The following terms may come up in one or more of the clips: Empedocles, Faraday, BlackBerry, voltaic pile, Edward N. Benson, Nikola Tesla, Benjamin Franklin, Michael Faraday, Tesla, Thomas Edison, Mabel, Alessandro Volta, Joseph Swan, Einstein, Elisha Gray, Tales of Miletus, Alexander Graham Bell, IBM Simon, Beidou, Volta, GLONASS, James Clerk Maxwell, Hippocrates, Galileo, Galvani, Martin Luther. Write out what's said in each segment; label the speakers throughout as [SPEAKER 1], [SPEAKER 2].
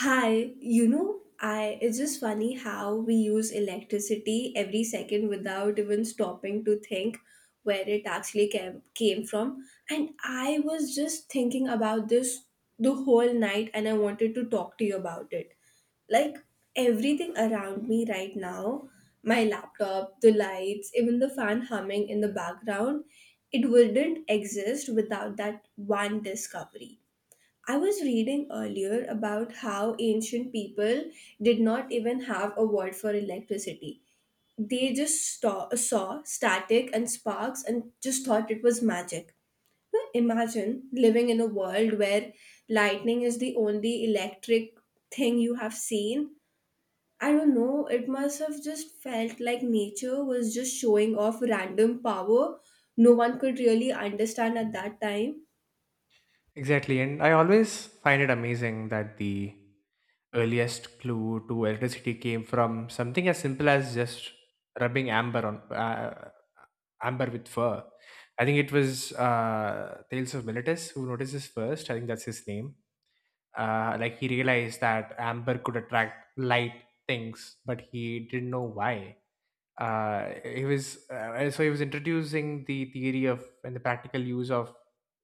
[SPEAKER 1] Hi, you know, I it's just funny how we use electricity every second without even stopping to think where it actually came from. And I was just thinking about this the whole night and I wanted to talk to you about it. Like everything around me right now, my laptop, the lights, even the fan humming in the background, it wouldn't exist without that one discovery. I was reading earlier about how ancient people did not even have a word for electricity. They just saw static and sparks and just thought it was magic. Now imagine living in a world where lightning is the only electric thing you have seen. I don't know, it must have just felt like nature was just showing off random power no one could really understand at that time.
[SPEAKER 2] Exactly. And I always find it amazing that the earliest clue to electricity came from something as simple as just rubbing amber on amber with fur. I think it was Tales of Miletus who notices first. I think that's his name. Like he realized that amber could attract light things, but he didn't know why he was so he was introducing the theory of and the practical use of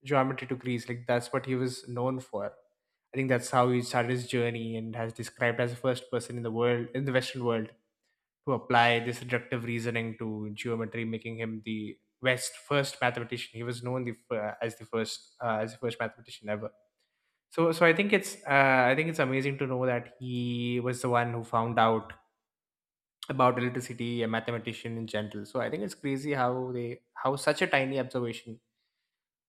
[SPEAKER 2] geometry to Greece. Like that's what he was known for. I think that's how he started his journey and has described as the first person in the world in the Western world to apply this reductive reasoning to geometry, making him the West first mathematician. He was known the, f- as the first mathematician ever. So I think it's amazing to know that he was the one who found out about electricity, a mathematician in general. So I think it's crazy how they how such a tiny observation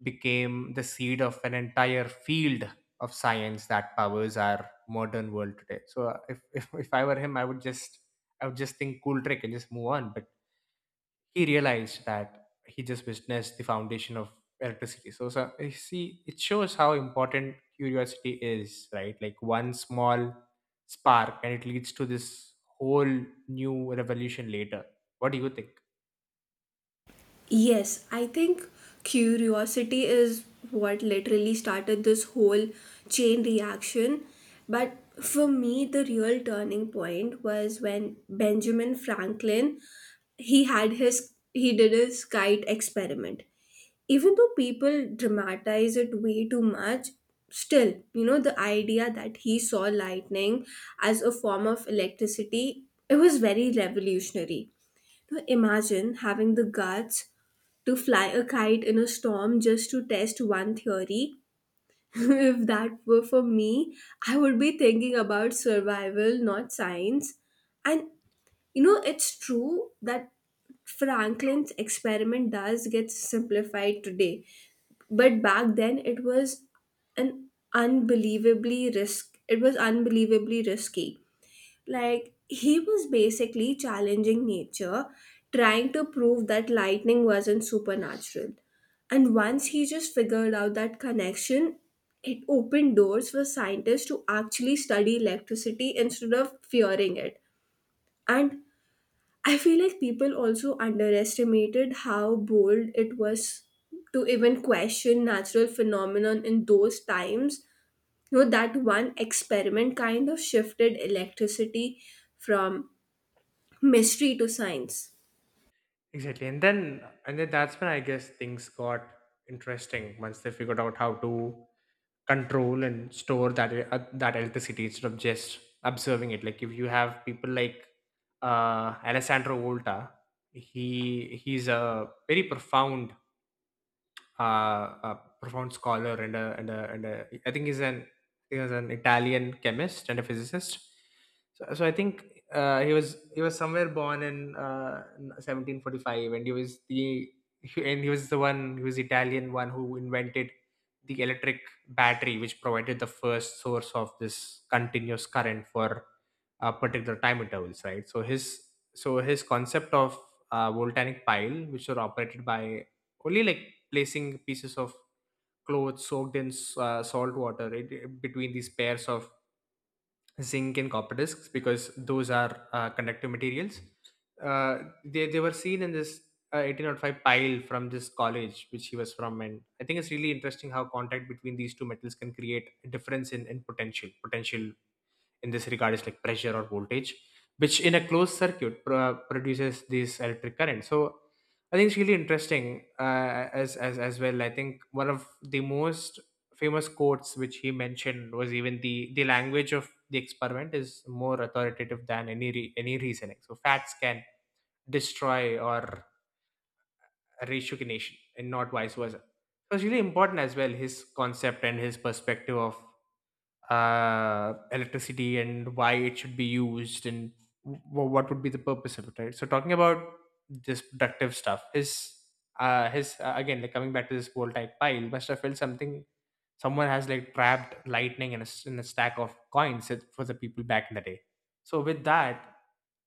[SPEAKER 2] became the seed of an entire field of science that powers our modern world today. So if if I were him, I would just think cool trick and just move on. He realized that he just witnessed the foundation of electricity. So you see, it shows how important curiosity is, right? Like one small spark, and it leads to this whole new revolution later. What do you think?
[SPEAKER 1] Yes, I think curiosity is what literally started this whole chain reaction. But for me, the real turning point was when Benjamin Franklin he did his kite experiment. Even though people dramatize it way too much, still, you know, the idea that he saw lightning as a form of electricity, it was very revolutionary. Now imagine having the guts to fly a kite in a storm just to test one theory. If that were for me, I would be thinking about survival, not science. And you know, it's true that Franklin's experiment does get simplified today, but back then it was an unbelievably risk. It was unbelievably risky. Like, he was basically challenging nature, trying to prove that lightning wasn't supernatural. And once he just figured out that connection, it opened doors for scientists to actually study electricity instead of fearing it. And I feel like people also underestimated how bold it was to even question natural phenomenon in those times. You know, that one experiment kind of shifted electricity from mystery to science.
[SPEAKER 2] Exactly, and then that's when I guess things got interesting once they figured out how to control and store that electricity instead of just observing it, like if you have people like Alessandro Volta. He's a very profound uh, a profound scholar and a, I think he was an Italian chemist and a physicist. So I think he was somewhere born in 1745, and he was the he- and he was the one he was Italian one who invented the electric battery, which provided the first source of this continuous current for particular time intervals, right? So his concept of voltaic pile, which were operated by only like placing pieces of clothes soaked in salt water between these pairs of zinc and copper discs, because those are conductive materials. Uh, they were seen in this 1805 pile from this college which he was from. And I think it's really interesting how contact between these two metals can create a difference in potential. Potential in this regard is like pressure or voltage, which in a closed circuit produces this electric current. So I think it's really interesting as well. I think one of the most famous quotes which he mentioned was, even the language of the experiment is more authoritative than any any reasoning, so facts can destroy or ratio nation and not vice versa. It was really important as well, his concept and his perspective of electricity and why it should be used, and what would be the purpose of it, right? So talking about this productive stuff, his again, like coming back to this voltaic pile, must have felt something someone has like trapped lightning in in a stack of coins for the people back in the day. So with that,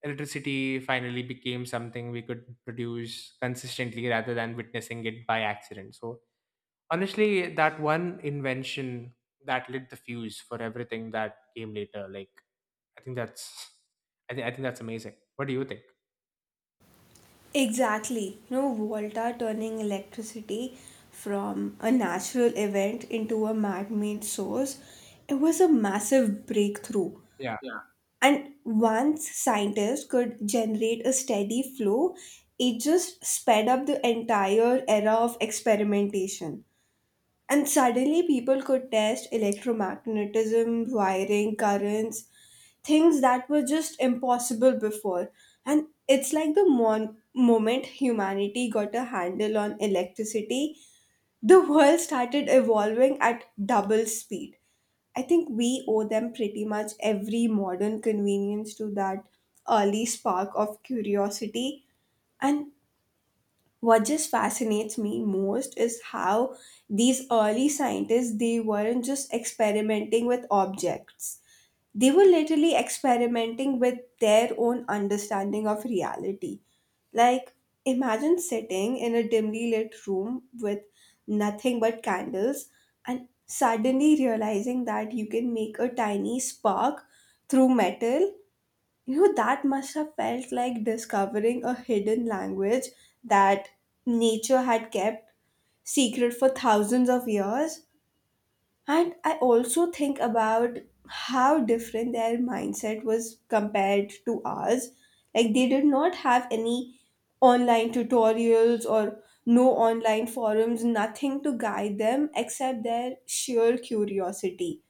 [SPEAKER 2] electricity finally became something we could produce consistently rather than witnessing it by accident. So honestly, that one invention, that lit the fuse for everything that came later. Like I think that's I think that's amazing. What do you think?
[SPEAKER 1] Exactly. You know, Volta turning electricity from a natural event into a man-made source. It was a massive breakthrough.
[SPEAKER 2] Yeah,
[SPEAKER 1] And once scientists could generate a steady flow, it just sped up the entire era of experimentation. And suddenly people could test electromagnetism, wiring, currents, things that were just impossible before. And it's like the moment humanity got a handle on electricity, the world started evolving at double speed. I think we owe them pretty much every modern convenience to that early spark of curiosity. And what just fascinates me most is how these early scientists, they weren't just experimenting with objects, they were literally experimenting with their own understanding of reality. Like, imagine sitting in a dimly lit room with nothing but candles and suddenly realizing that you can make a tiny spark through metal. You know, that must have felt like discovering a hidden language that nature had kept secret for thousands of years. And I also think about how different their mindset was compared to ours. Like, they did not have any online tutorials or no online forums, nothing to guide them except their sheer curiosity.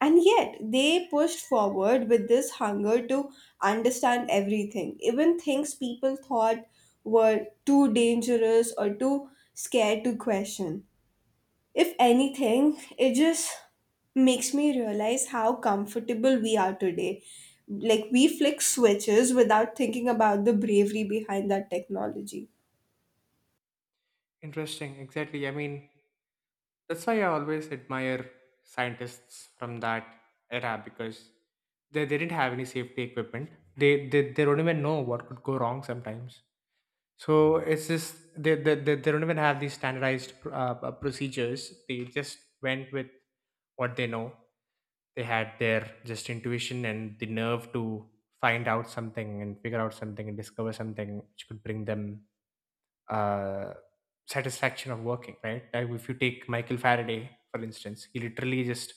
[SPEAKER 1] And yet, they pushed forward with this hunger to understand everything, even things people thought were too dangerous or too scared to question. If anything, it just makes me realize how comfortable we are today. Like, we flick switches without thinking about the bravery behind that technology.
[SPEAKER 2] interesting, exactly. I mean, that's why I always admire scientists from that era, because they didn't have any safety equipment. They don't even know what could go wrong sometimes. So it's just they don't even have these standardized procedures. They just went with what they know. They had their just intuition and the nerve to find out something and figure out something and discover something which could bring them uh, satisfaction of working, right? Like if you take Michael Faraday for instance, he literally just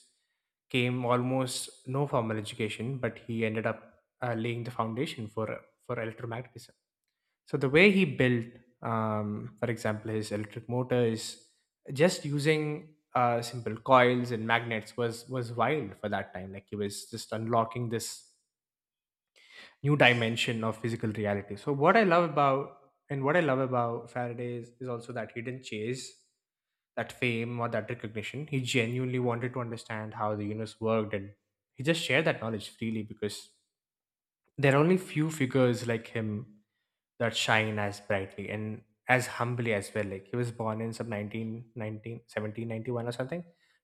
[SPEAKER 2] came almost no formal education, but he ended up laying the foundation for electromagnetism. So the way he built, for example, his electric motor, is just using simple coils and magnets, was wild for that time. Like he was just unlocking this new dimension of physical reality. So what I love about Faraday is also that he didn't chase that fame or that recognition. He genuinely wanted to understand how the universe worked, and he just shared that knowledge freely, because there are only few figures like him that shine as brightly and as humbly as well. Like he was born in some 1791 or something.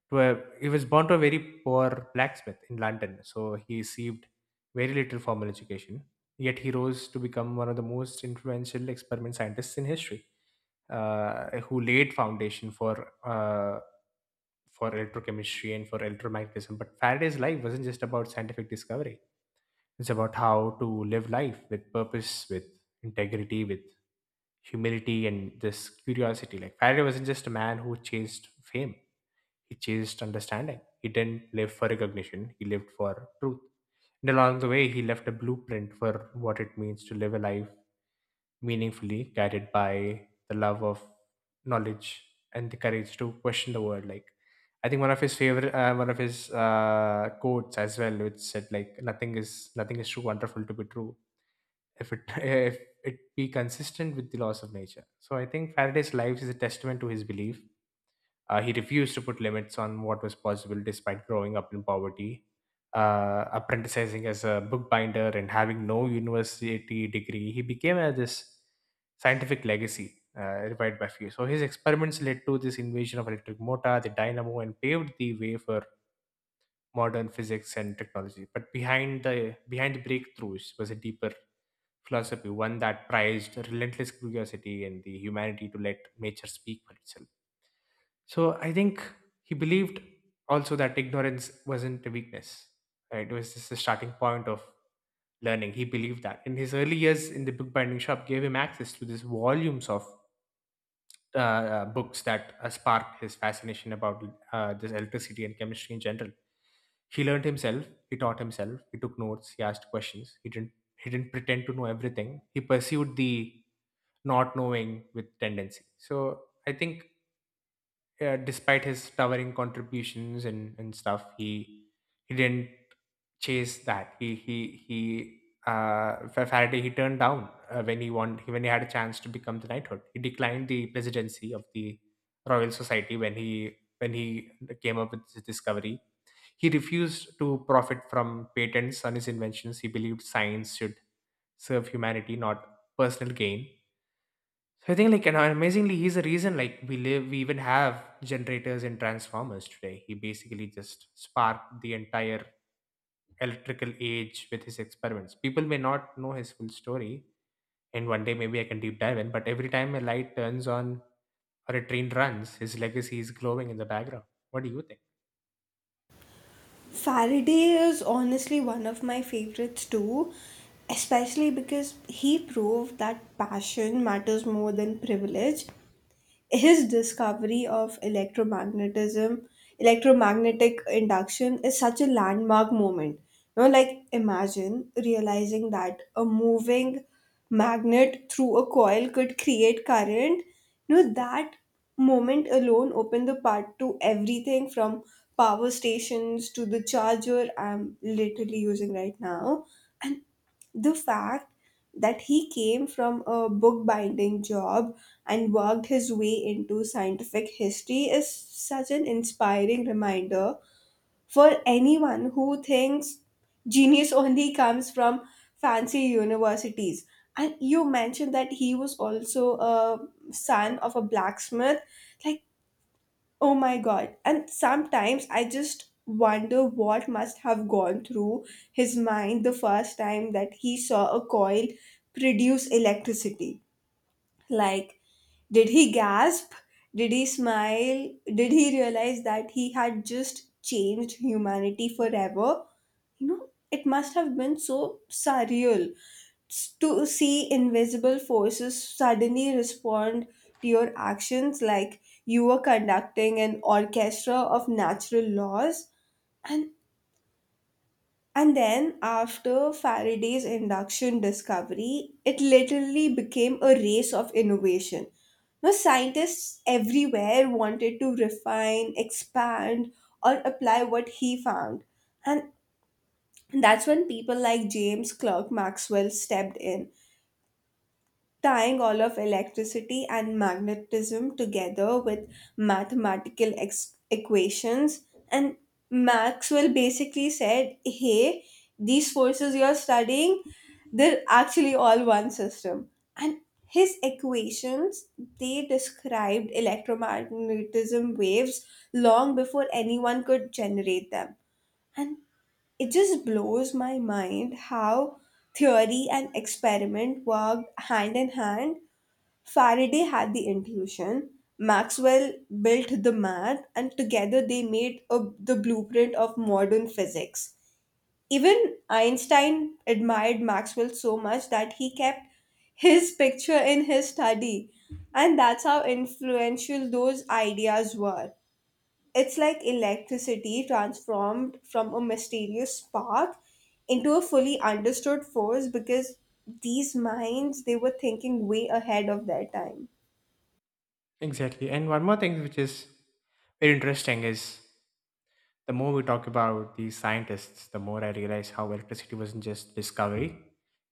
[SPEAKER 2] He was born to a very poor blacksmith in London, so he received very little formal education. Yet he rose to become one of the most influential experiment scientists in history, who laid foundation for electrochemistry and for electromagnetism. But Faraday's life wasn't just about scientific discovery; it's about how to live life with purpose, with integrity, with humility and this curiosity. Like Faraday wasn't just a man who chased fame; he chased understanding. He didn't live for recognition; he lived for truth. And along the way, he left a blueprint for what it means to live a life meaningfully, guided by the love of knowledge and the courage to question the world. Like I think one of his favorite, one of his quotes as well, which said like, Nothing is too wonderful to be true." If it if it be consistent with the laws of nature. So I think Faraday's life is a testament to his belief. He refused to put limits on what was possible despite growing up in poverty, apprenticing as a bookbinder, and having no university degree. He became this scientific legacy revived by few. So his experiments led to this invention of electric motor, the dynamo, and paved the way for modern physics and technology. But behind the breakthroughs was a deeper philosophy, one that prized relentless curiosity and the humanity to let nature speak for itself. So I think he believed also that ignorance wasn't a weakness, right? It was just the starting point of learning. He believed that. In his early years in the bookbinding shop, gave him access to these volumes of books that sparked his fascination about this electricity and chemistry in general. He learned himself. He taught himself. He took notes. He asked questions. He didn't pretend to know everything. He pursued the not knowing with tendency. So I think despite his towering contributions and stuff, he didn't chase that. Faraday, he turned down when he won when he had a chance to become the knighthood. He declined the presidency of the Royal Society when he came up with his discovery. He refused to profit from patents on his inventions. He believed science should serve humanity, not personal gain. So I think like, and amazingly, he's the reason like we even have generators and transformers today. He basically just sparked the entire electrical age with his experiments. People may not know his full story, and one day maybe I can deep dive in, but every time a light turns on or a train runs, his legacy is glowing in the background. What do you think?
[SPEAKER 1] Faraday is honestly one of my favorites too, especially because he proved that passion matters more than privilege. His discovery of electromagnetic induction is such a landmark moment. You know, like imagine realizing that a moving magnet through a coil could create current. You know, that moment alone opened the path to everything from power stations to the charger I'm literally using right now. And the fact that he came from a bookbinding job and worked his way into scientific history is such an inspiring reminder for anyone who thinks genius only comes from fancy universities. And you mentioned that he was also a son of a blacksmith. Like, oh my god. And sometimes I just wonder what must have gone through his mind the first time that he saw a coil produce electricity. Like, did he gasp? Did he smile? Did he realize that he had just changed humanity forever? You know, it must have been so surreal to see invisible forces suddenly respond to your actions, like you were conducting an orchestra of natural laws. and and then after Faraday's induction discovery, it literally became a race of innovation. Now scientists everywhere wanted to refine, expand or apply what he found. And that's when people like James Clerk Maxwell stepped in, tying all of electricity and magnetism together with mathematical equations. And Maxwell basically said, hey, these forces you're studying, they're actually all one system. And his equations, they described electromagnetism waves long before anyone could generate them. And it just blows my mind how theory and experiment worked hand in hand. Faraday had the intuition, Maxwell built the math, and together they made the blueprint of modern physics. Even Einstein admired Maxwell so much that he kept his picture in his study, and that's how influential those ideas were. It's like electricity transformed from a mysterious spark into a fully understood force because these minds, they were thinking way ahead of their time.
[SPEAKER 2] Exactly. And one more thing which is very interesting is the more we talk about these scientists, the more I realize how electricity wasn't just discovery;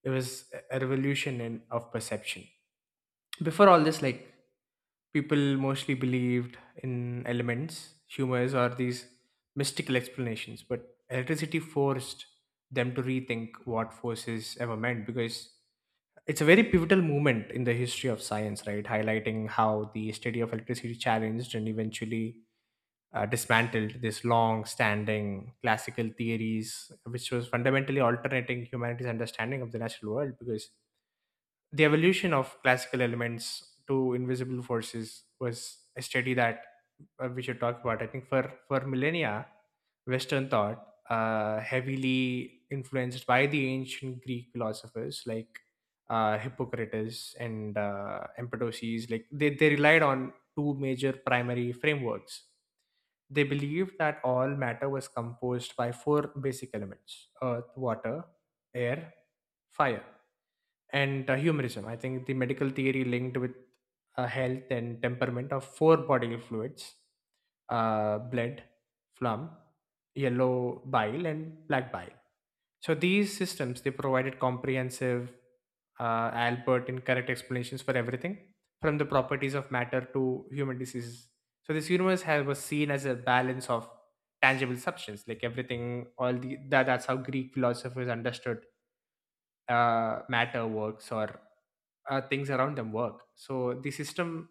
[SPEAKER 2] it was a revolution in of perception. Before all this, like people mostly believed in elements, humors, or these mystical explanations, but electricity forced them to rethink what forces ever meant, because it's a very pivotal moment in the history of science, right? Highlighting how the study of electricity challenged and eventually dismantled this long-standing classical theories, which was fundamentally alternating humanity's understanding of the natural world. Because the evolution of classical elements to invisible forces was a study that we should talk about. I think for millennia, Western thought, heavily influenced by the ancient Greek philosophers like Hippocrates and Empedocles, like they relied on two major primary frameworks. They believed that all matter was composed by four basic elements: earth, water, air, fire. And humorism. I think the medical theory linked with health and temperament of four bodily fluids: blood, phlegm, yellow bile, and black bile. So these systems they provided comprehensive Albert and correct explanations for everything from the properties of matter to human diseases. So this universe has, was seen as a balance of tangible substance, like everything. All the that, that's how Greek philosophers understood matter works or things around them work. So the system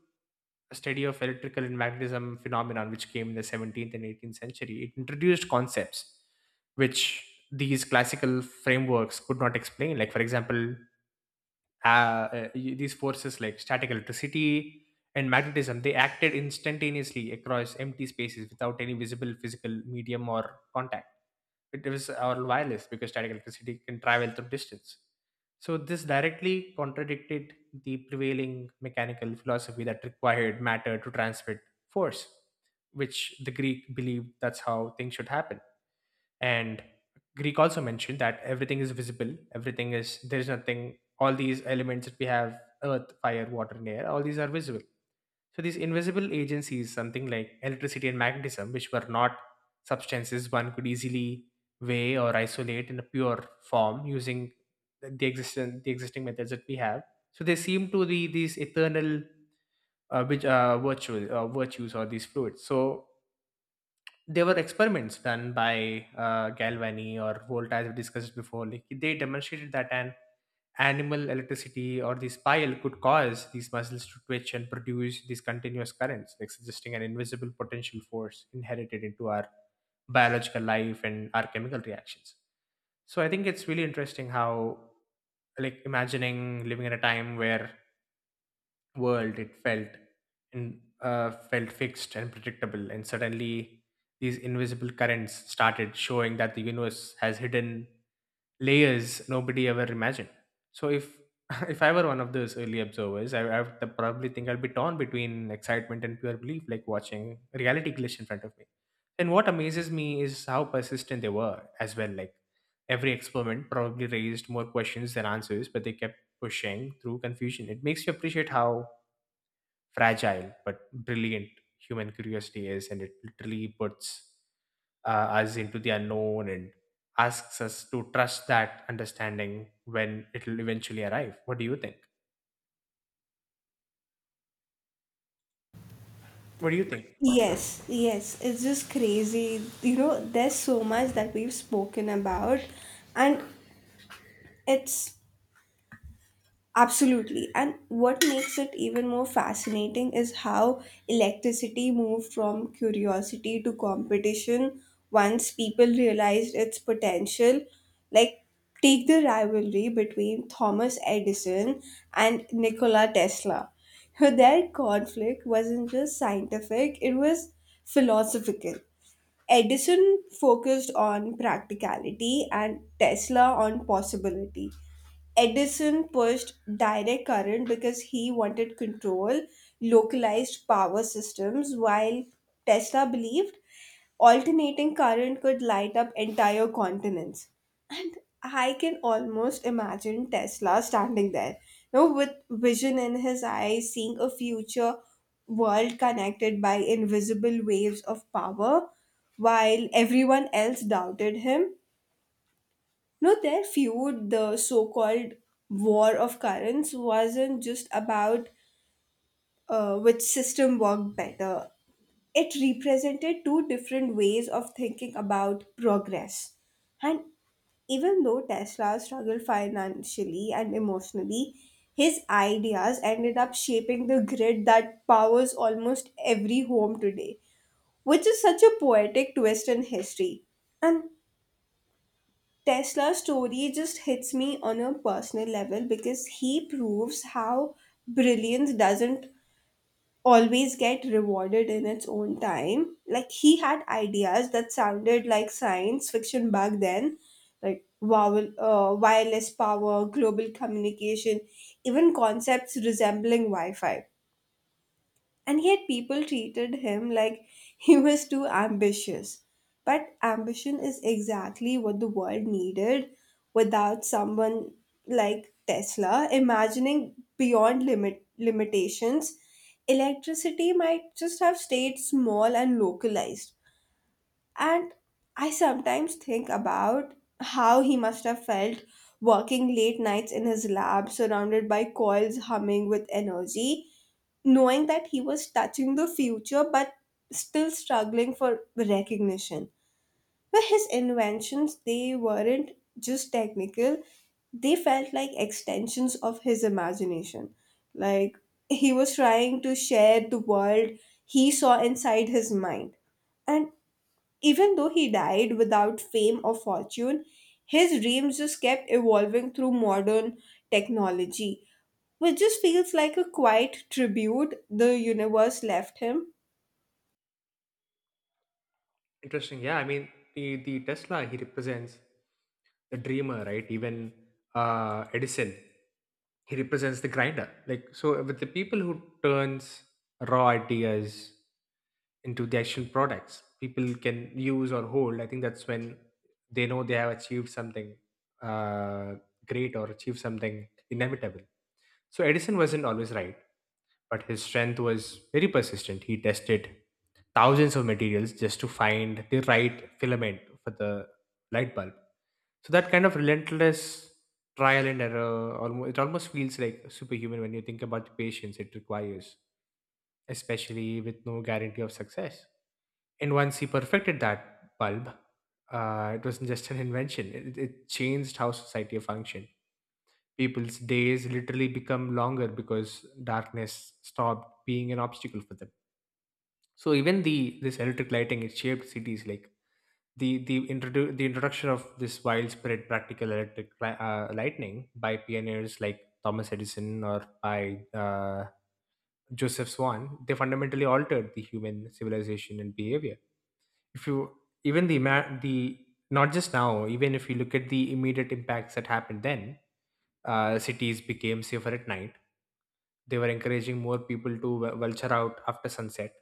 [SPEAKER 2] a study of electrical and magnetism phenomenon which came in the 17th and 18th century it introduced concepts which these classical frameworks could not explain, like for example these forces like static electricity and magnetism they acted instantaneously across empty spaces without any visible physical medium or contact. It is all wireless because static electricity can travel through distance. So this directly contradicted the prevailing mechanical philosophy that required matter to transmit force, which the Greek believed that's how things should happen. And Greek also mentioned that everything is visible, everything is there is nothing. All these elements that we have earth, fire, water, and air, all these are visible. So these invisible agencies, something like electricity and magnetism, which were not substances one could easily weigh or isolate in a pure form using the existing methods that we have. So they seem to be these eternal which virtual virtues or these fluids. So there were experiments done by Galvani or Volta, as we discussed before. Like they demonstrated that an animal electricity or the spile could cause these muscles to twitch and produce these continuous currents, like suggesting an invisible potential force inherited into our biological life and our chemical reactions. So I think it's really interesting how, like, imagining living in a time where world it felt and felt fixed and predictable, and suddenly these invisible currents started showing that the universe has hidden layers nobody ever imagined. So if if I were one of those early observers, I would probably think I will be torn between excitement and pure belief, like watching reality glitch in front of me. And what amazes me is how persistent they were as well. Like every experiment probably raised more questions than answers, but they kept pushing through confusion. It makes you appreciate how fragile but brilliant human curiosity is, and it literally puts us into the unknown and asks us to trust that understanding when it'll eventually arrive. What do you think? What do you think?
[SPEAKER 1] Yes, yes, it's just crazy. You know, there's so much that we've spoken about, and it's absolutely. And what makes it even more fascinating is how electricity moved from curiosity to competition once people realized its potential. Like, take the rivalry between Thomas Edison and Nikola Tesla. Their conflict wasn't just scientific, it was philosophical. Edison focused on practicality and Tesla on possibility. Edison pushed direct current because he wanted control, localized power systems, while Tesla believed alternating current could light up entire continents. And I can almost imagine Tesla standing there, you know, with vision in his eyes, seeing a future world connected by invisible waves of power, while everyone else doubted him. No, their feud, the so called War of Currents, wasn't just about which system worked better. It represented two different ways of thinking about progress. And even though Tesla struggled financially and emotionally, his ideas ended up shaping the grid that powers almost every home today, which is such a poetic twist in history. And Tesla's story just hits me on a personal level because he proves how brilliance doesn't always get rewarded in its own time. Like, he had ideas that sounded like science fiction back then, like wow, wireless power, global communication, even concepts resembling Wi Fi. And yet people treated him like he was too ambitious. But ambition is exactly what the world needed. Without someone like Tesla imagining beyond limitations, electricity might just have stayed small and localized. And I sometimes think about how he must have felt working late nights in his lab, surrounded by coils humming with energy, knowing that he was touching the future but still struggling for recognition. But his inventions, they weren't just technical, they felt like extensions of his imagination. Like, he was trying to share the world he saw inside his mind. And even though he died without fame or fortune, his dreams just kept evolving through modern technology, which just feels like a quiet tribute the universe left him.
[SPEAKER 2] Interesting. Yeah, I mean, the Tesla, he represents the dreamer, right? Even Edison, he represents the grinder. Like, so with the people who turns raw ideas into the actual products people can use or hold, I think that's when they know they have achieved something uh, great or achieved something inevitable. So Edison wasn't always right, but his strength was very persistent. He tested thousands of materials just to find the right filament for the light bulb. So that kind of relentless trial and error, almost, it almost feels like superhuman when you think about the patience it requires, especially with no guarantee of success. And once he perfected that bulb, it wasn't just an invention. It changed how society functioned. People's days literally become longer because darkness stopped being an obstacle for them. So even the this electric lighting it shaped cities like the introduction of this widespread practical lightning by pioneers like Thomas Edison or by Joseph Swan, they fundamentally altered the human civilization and behavior. If you even the not just now, even if you look at the immediate impacts that happened then, cities became safer at night. They were encouraging more people to vulture out after sunset.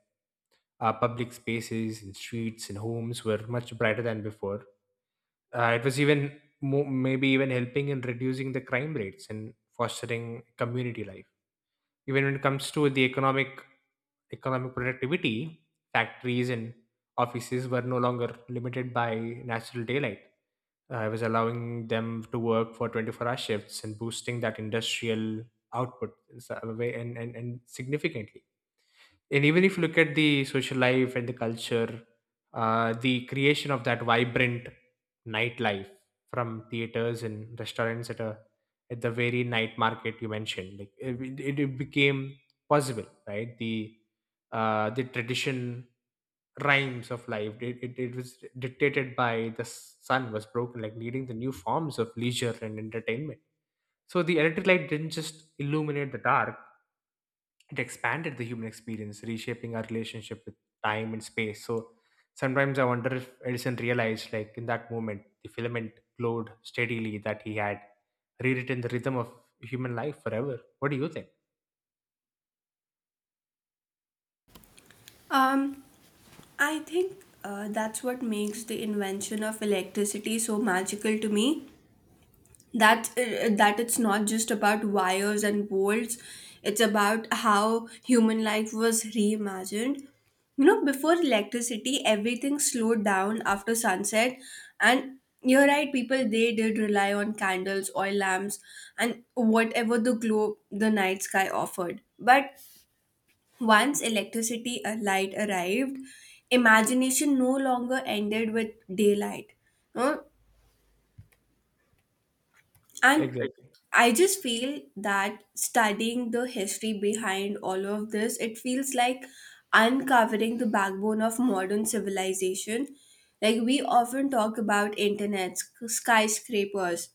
[SPEAKER 2] Public spaces and streets and homes were much brighter than before. It was even maybe even helping in reducing the crime rates and fostering community life. Even when it comes to the economic productivity, factories and offices were no longer limited by natural daylight. It was allowing them to work for 24-hour hour shifts and boosting that industrial output in s- a way- and significantly. And even if you look at the social life and the culture, the creation of that vibrant nightlife from theaters and restaurants at the very night market you mentioned, like it became possible, right? The tradition rhymes of life it was dictated by the sun was broken like needing the new forms of leisure and entertainment. So the electric light didn't just illuminate the dark, it expanded the human experience, reshaping our relationship with time and space. So sometimes I wonder if Edison realized, like in that moment, the filament glowed steadily that he had rewritten the rhythm of human life forever. What do you think?
[SPEAKER 1] Um, I think that's what makes the invention of electricity so magical to me. That that it's not just about wires and bolts, it's about how human life was reimagined. You know, before electricity everything slowed down after sunset. And you're right, people they did rely on candles, oil lamps and whatever the glow the night sky offered. But once electricity light arrived, imagination no longer ended with daylight. Huh? And like,
[SPEAKER 2] Exactly,
[SPEAKER 1] I just feel that studying the history behind all of this, it feels like uncovering the backbone of modern civilization. Like we often talk about internet, skyscrapers,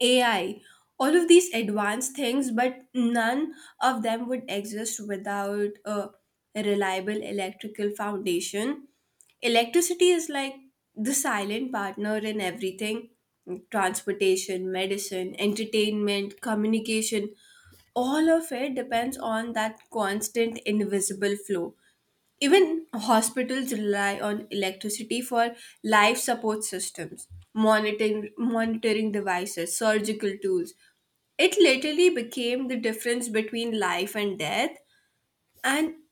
[SPEAKER 1] AI, all of these advanced things, but none of them would exist without a reliable electrical foundation. Electricity is like the silent partner in everything: transportation, medicine, entertainment, communication. All of it depends on that constant invisible flow. Even hospitals rely on electricity for life support systems, monitoring devices, surgical tools. It literally became the difference between life and death. And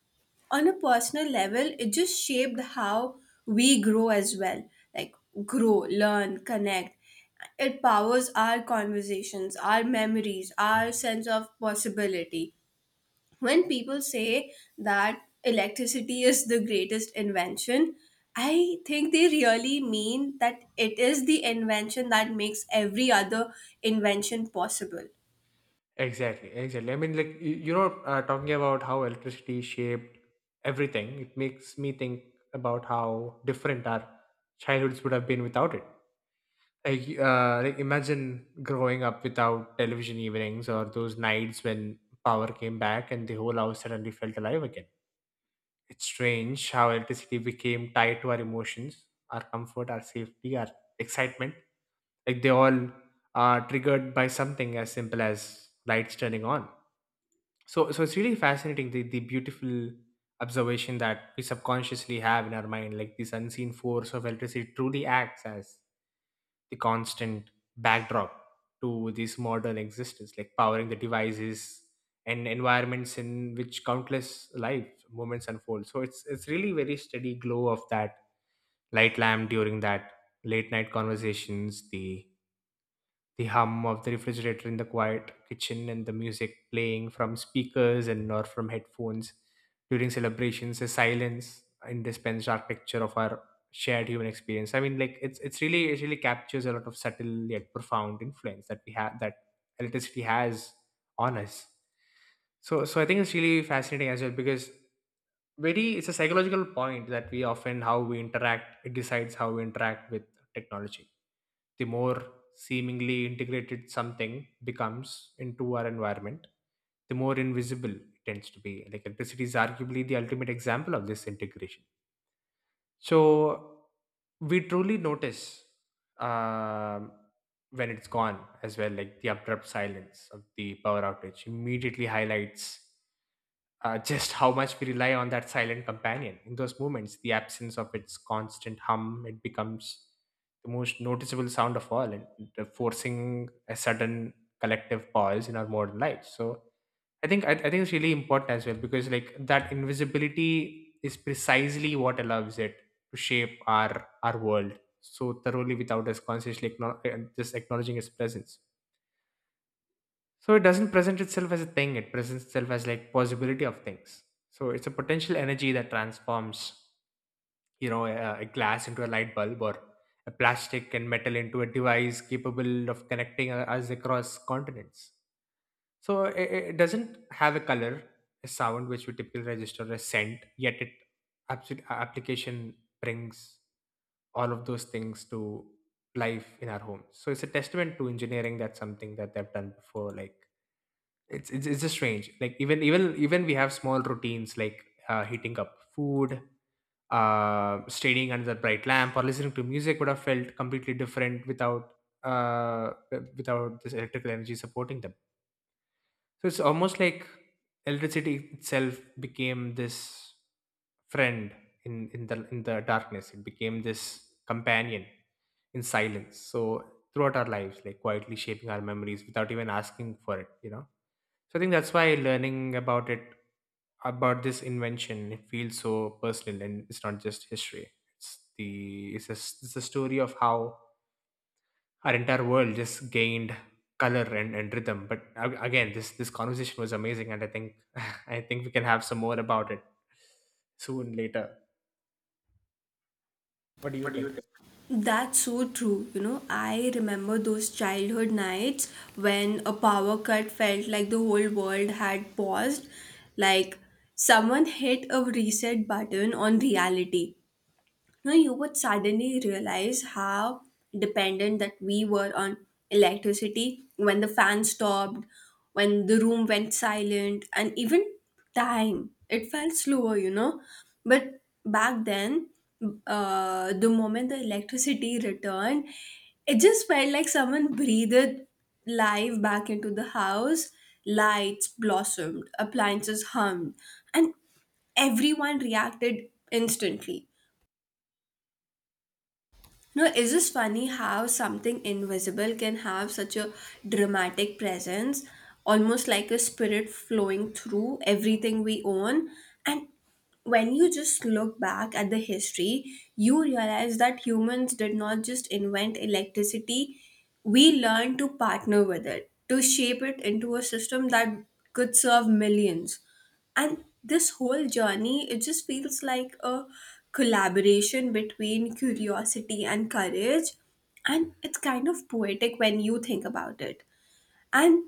[SPEAKER 1] on a personal level, it just shaped how we grow as well. Like, grow, learn, connect. It powers our conversations, our memories, our sense of possibility. When people say that electricity is the greatest invention, I think they really mean that it is the invention that makes every other invention possible.
[SPEAKER 2] exactly, exactly. I mean, like you know, talking about how electricity shaped everything, it makes me think about how different our childhoods would have been without it. Like like imagine growing up without television evenings or those nights when power came back and the whole house suddenly felt alive again. It's strange how electricity became tied to our emotions, our comfort, our safety, our excitement, like they all are triggered by something as simple as lights turning on. So it's really fascinating, the beautiful observation that we subconsciously have in our mind, like this unseen force of electricity truly acts as the constant backdrop to this modern existence, like powering the devices and environments in which countless life moments unfold. So it's really very steady glow of that light lamp during that late night conversations, the hum of the refrigerator in the quiet kitchen and the music playing from speakers and or from headphones during celebrations, the silence in this pens picture of our shared human experience. I mean, like it's really it really captures a lot of subtle yet profound influence that we have, that electricity has on us. So I think it's really fascinating as well because very it's a psychological point that we often how we interact it decides how we interact with technology. The more seemingly integrated something becomes into our environment, the more invisible it tends to be. Like electricity is arguably the ultimate example of this integration. So we truly notice um, when it's gone as well, like the abrupt silence of the power outage immediately highlights just how much we rely on that silent companion. In those moments, the absence of its constant hum, it becomes the most noticeable sound of all, and forcing a sudden collective pause in our modern lives. So I think it's really important as well because like that invisibility is precisely what allows it to shape our world so thoroughly without us consciously acknow- just acknowledging its presence. So it doesn't present itself as a thing, it presents itself as like possibility of things. So it's a potential energy that transforms, you know, a glass into a light bulb or a plastic and metal into a device capable of connecting us across continents. So it doesn't have a color, a sound which we typically register, a scent, yet it absolute application brings all of those things to life in our homes. So it's a testament to engineering that something that they've done before. Like it's just strange, like even we have small routines like heating up food, staying under the bright lamp or listening to music would have felt completely different without uh without this electrical energy supporting them. So it's almost like electricity itself became this friend in the darkness, it became this companion in silence. So throughout our lives, like quietly shaping our memories without even asking for it, you know. So I think that's why learning about it, about this invention, it feels so personal, and it's not just history. It's the it's a story of how our entire world just gained color and rhythm. But a- again, this conversation was amazing, and I think I think we can have some more about it soon later. What do you
[SPEAKER 1] What do you
[SPEAKER 2] think?
[SPEAKER 1] think? That's so true. You know, I remember those childhood nights when a power cut felt like the whole world had paused, like someone hit a reset button on reality. You know, you would suddenly realize how dependent that we were on electricity when the fan stopped, when the room went silent, and even time. It felt slower, you know. But back then, the moment the electricity returned, it just felt like someone breathed life back into the house. Lights blossomed, appliances hummed, and everyone reacted instantly. No, is this funny how something invisible can have such a dramatic presence, almost like a spirit flowing through everything we own? And when you just look back at the history, you realize that humans did not just invent electricity, we learned to partner with it, to shape it into a system that could serve millions. And this whole journey, it just feels like a collaboration between curiosity and courage, and it's kind of poetic when you think about it. And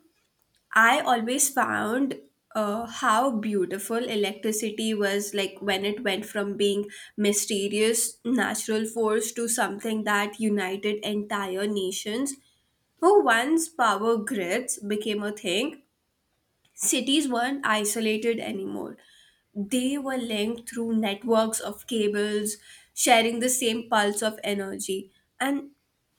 [SPEAKER 1] I always found how beautiful electricity was, like when it went from being mysterious natural force to something that united entire nations. Who once power grids became a thing, cities weren't isolated anymore. They were linked through networks of cables, sharing the same pulse of energy. And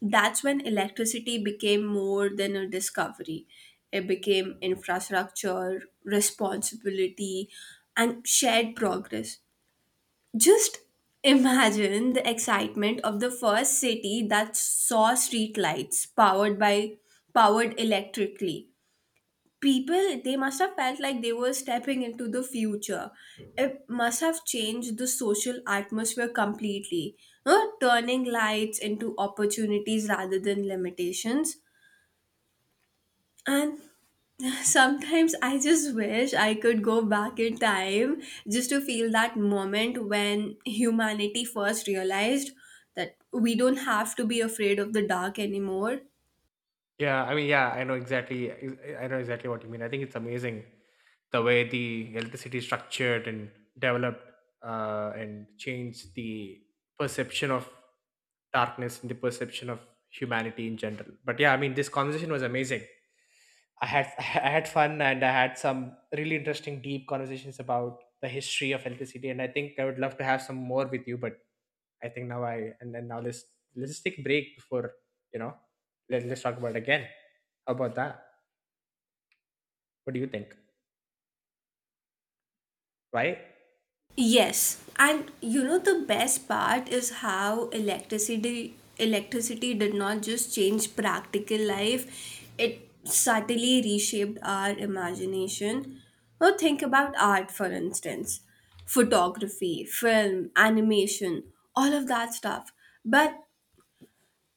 [SPEAKER 1] that's when electricity became more than a discovery. It became infrastructure, responsibility, and shared progress. Just imagine the excitement of the first city that saw streetlights powered electrically. People, they must have felt like they were stepping into the future. It must have changed the social atmosphere completely, no? Turning lights into opportunities rather than limitations. And sometimes I just wish I could go back in time just to feel that moment when humanity first realized that we don't have to be afraid of the dark anymore.
[SPEAKER 2] Yeah, I mean, yeah, I know exactly. I know exactly what you mean. I think it's amazing the way the electricity is structured and developed and changed the perception of darkness and the perception of humanity in general. But yeah, I mean, this conversation was amazing. I had I had fun and I had some really interesting deep conversations about the history of electricity. And I think I would love to have some more with you, but I think now I and then now let's just take a break before, you know, let's talk about it again. How about that? What do you think? Right?
[SPEAKER 1] Yes, and you know the best part is how electricity did not just change practical life, it subtly reshaped our imagination. Now think about art, for instance, photography, film, animation, all of that stuff. But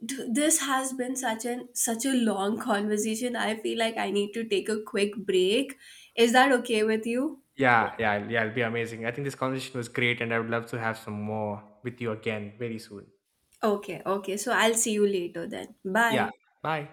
[SPEAKER 1] this has been such an such a long conversation. I feel like I need to take a quick break. Is that okay with you?
[SPEAKER 2] Yeah, yeah, yeah. It'll be amazing. I think this conversation was great, and I would love to have some more with you again very soon.
[SPEAKER 1] Okay, okay. So I'll see you later then. Bye.
[SPEAKER 2] Yeah. Bye.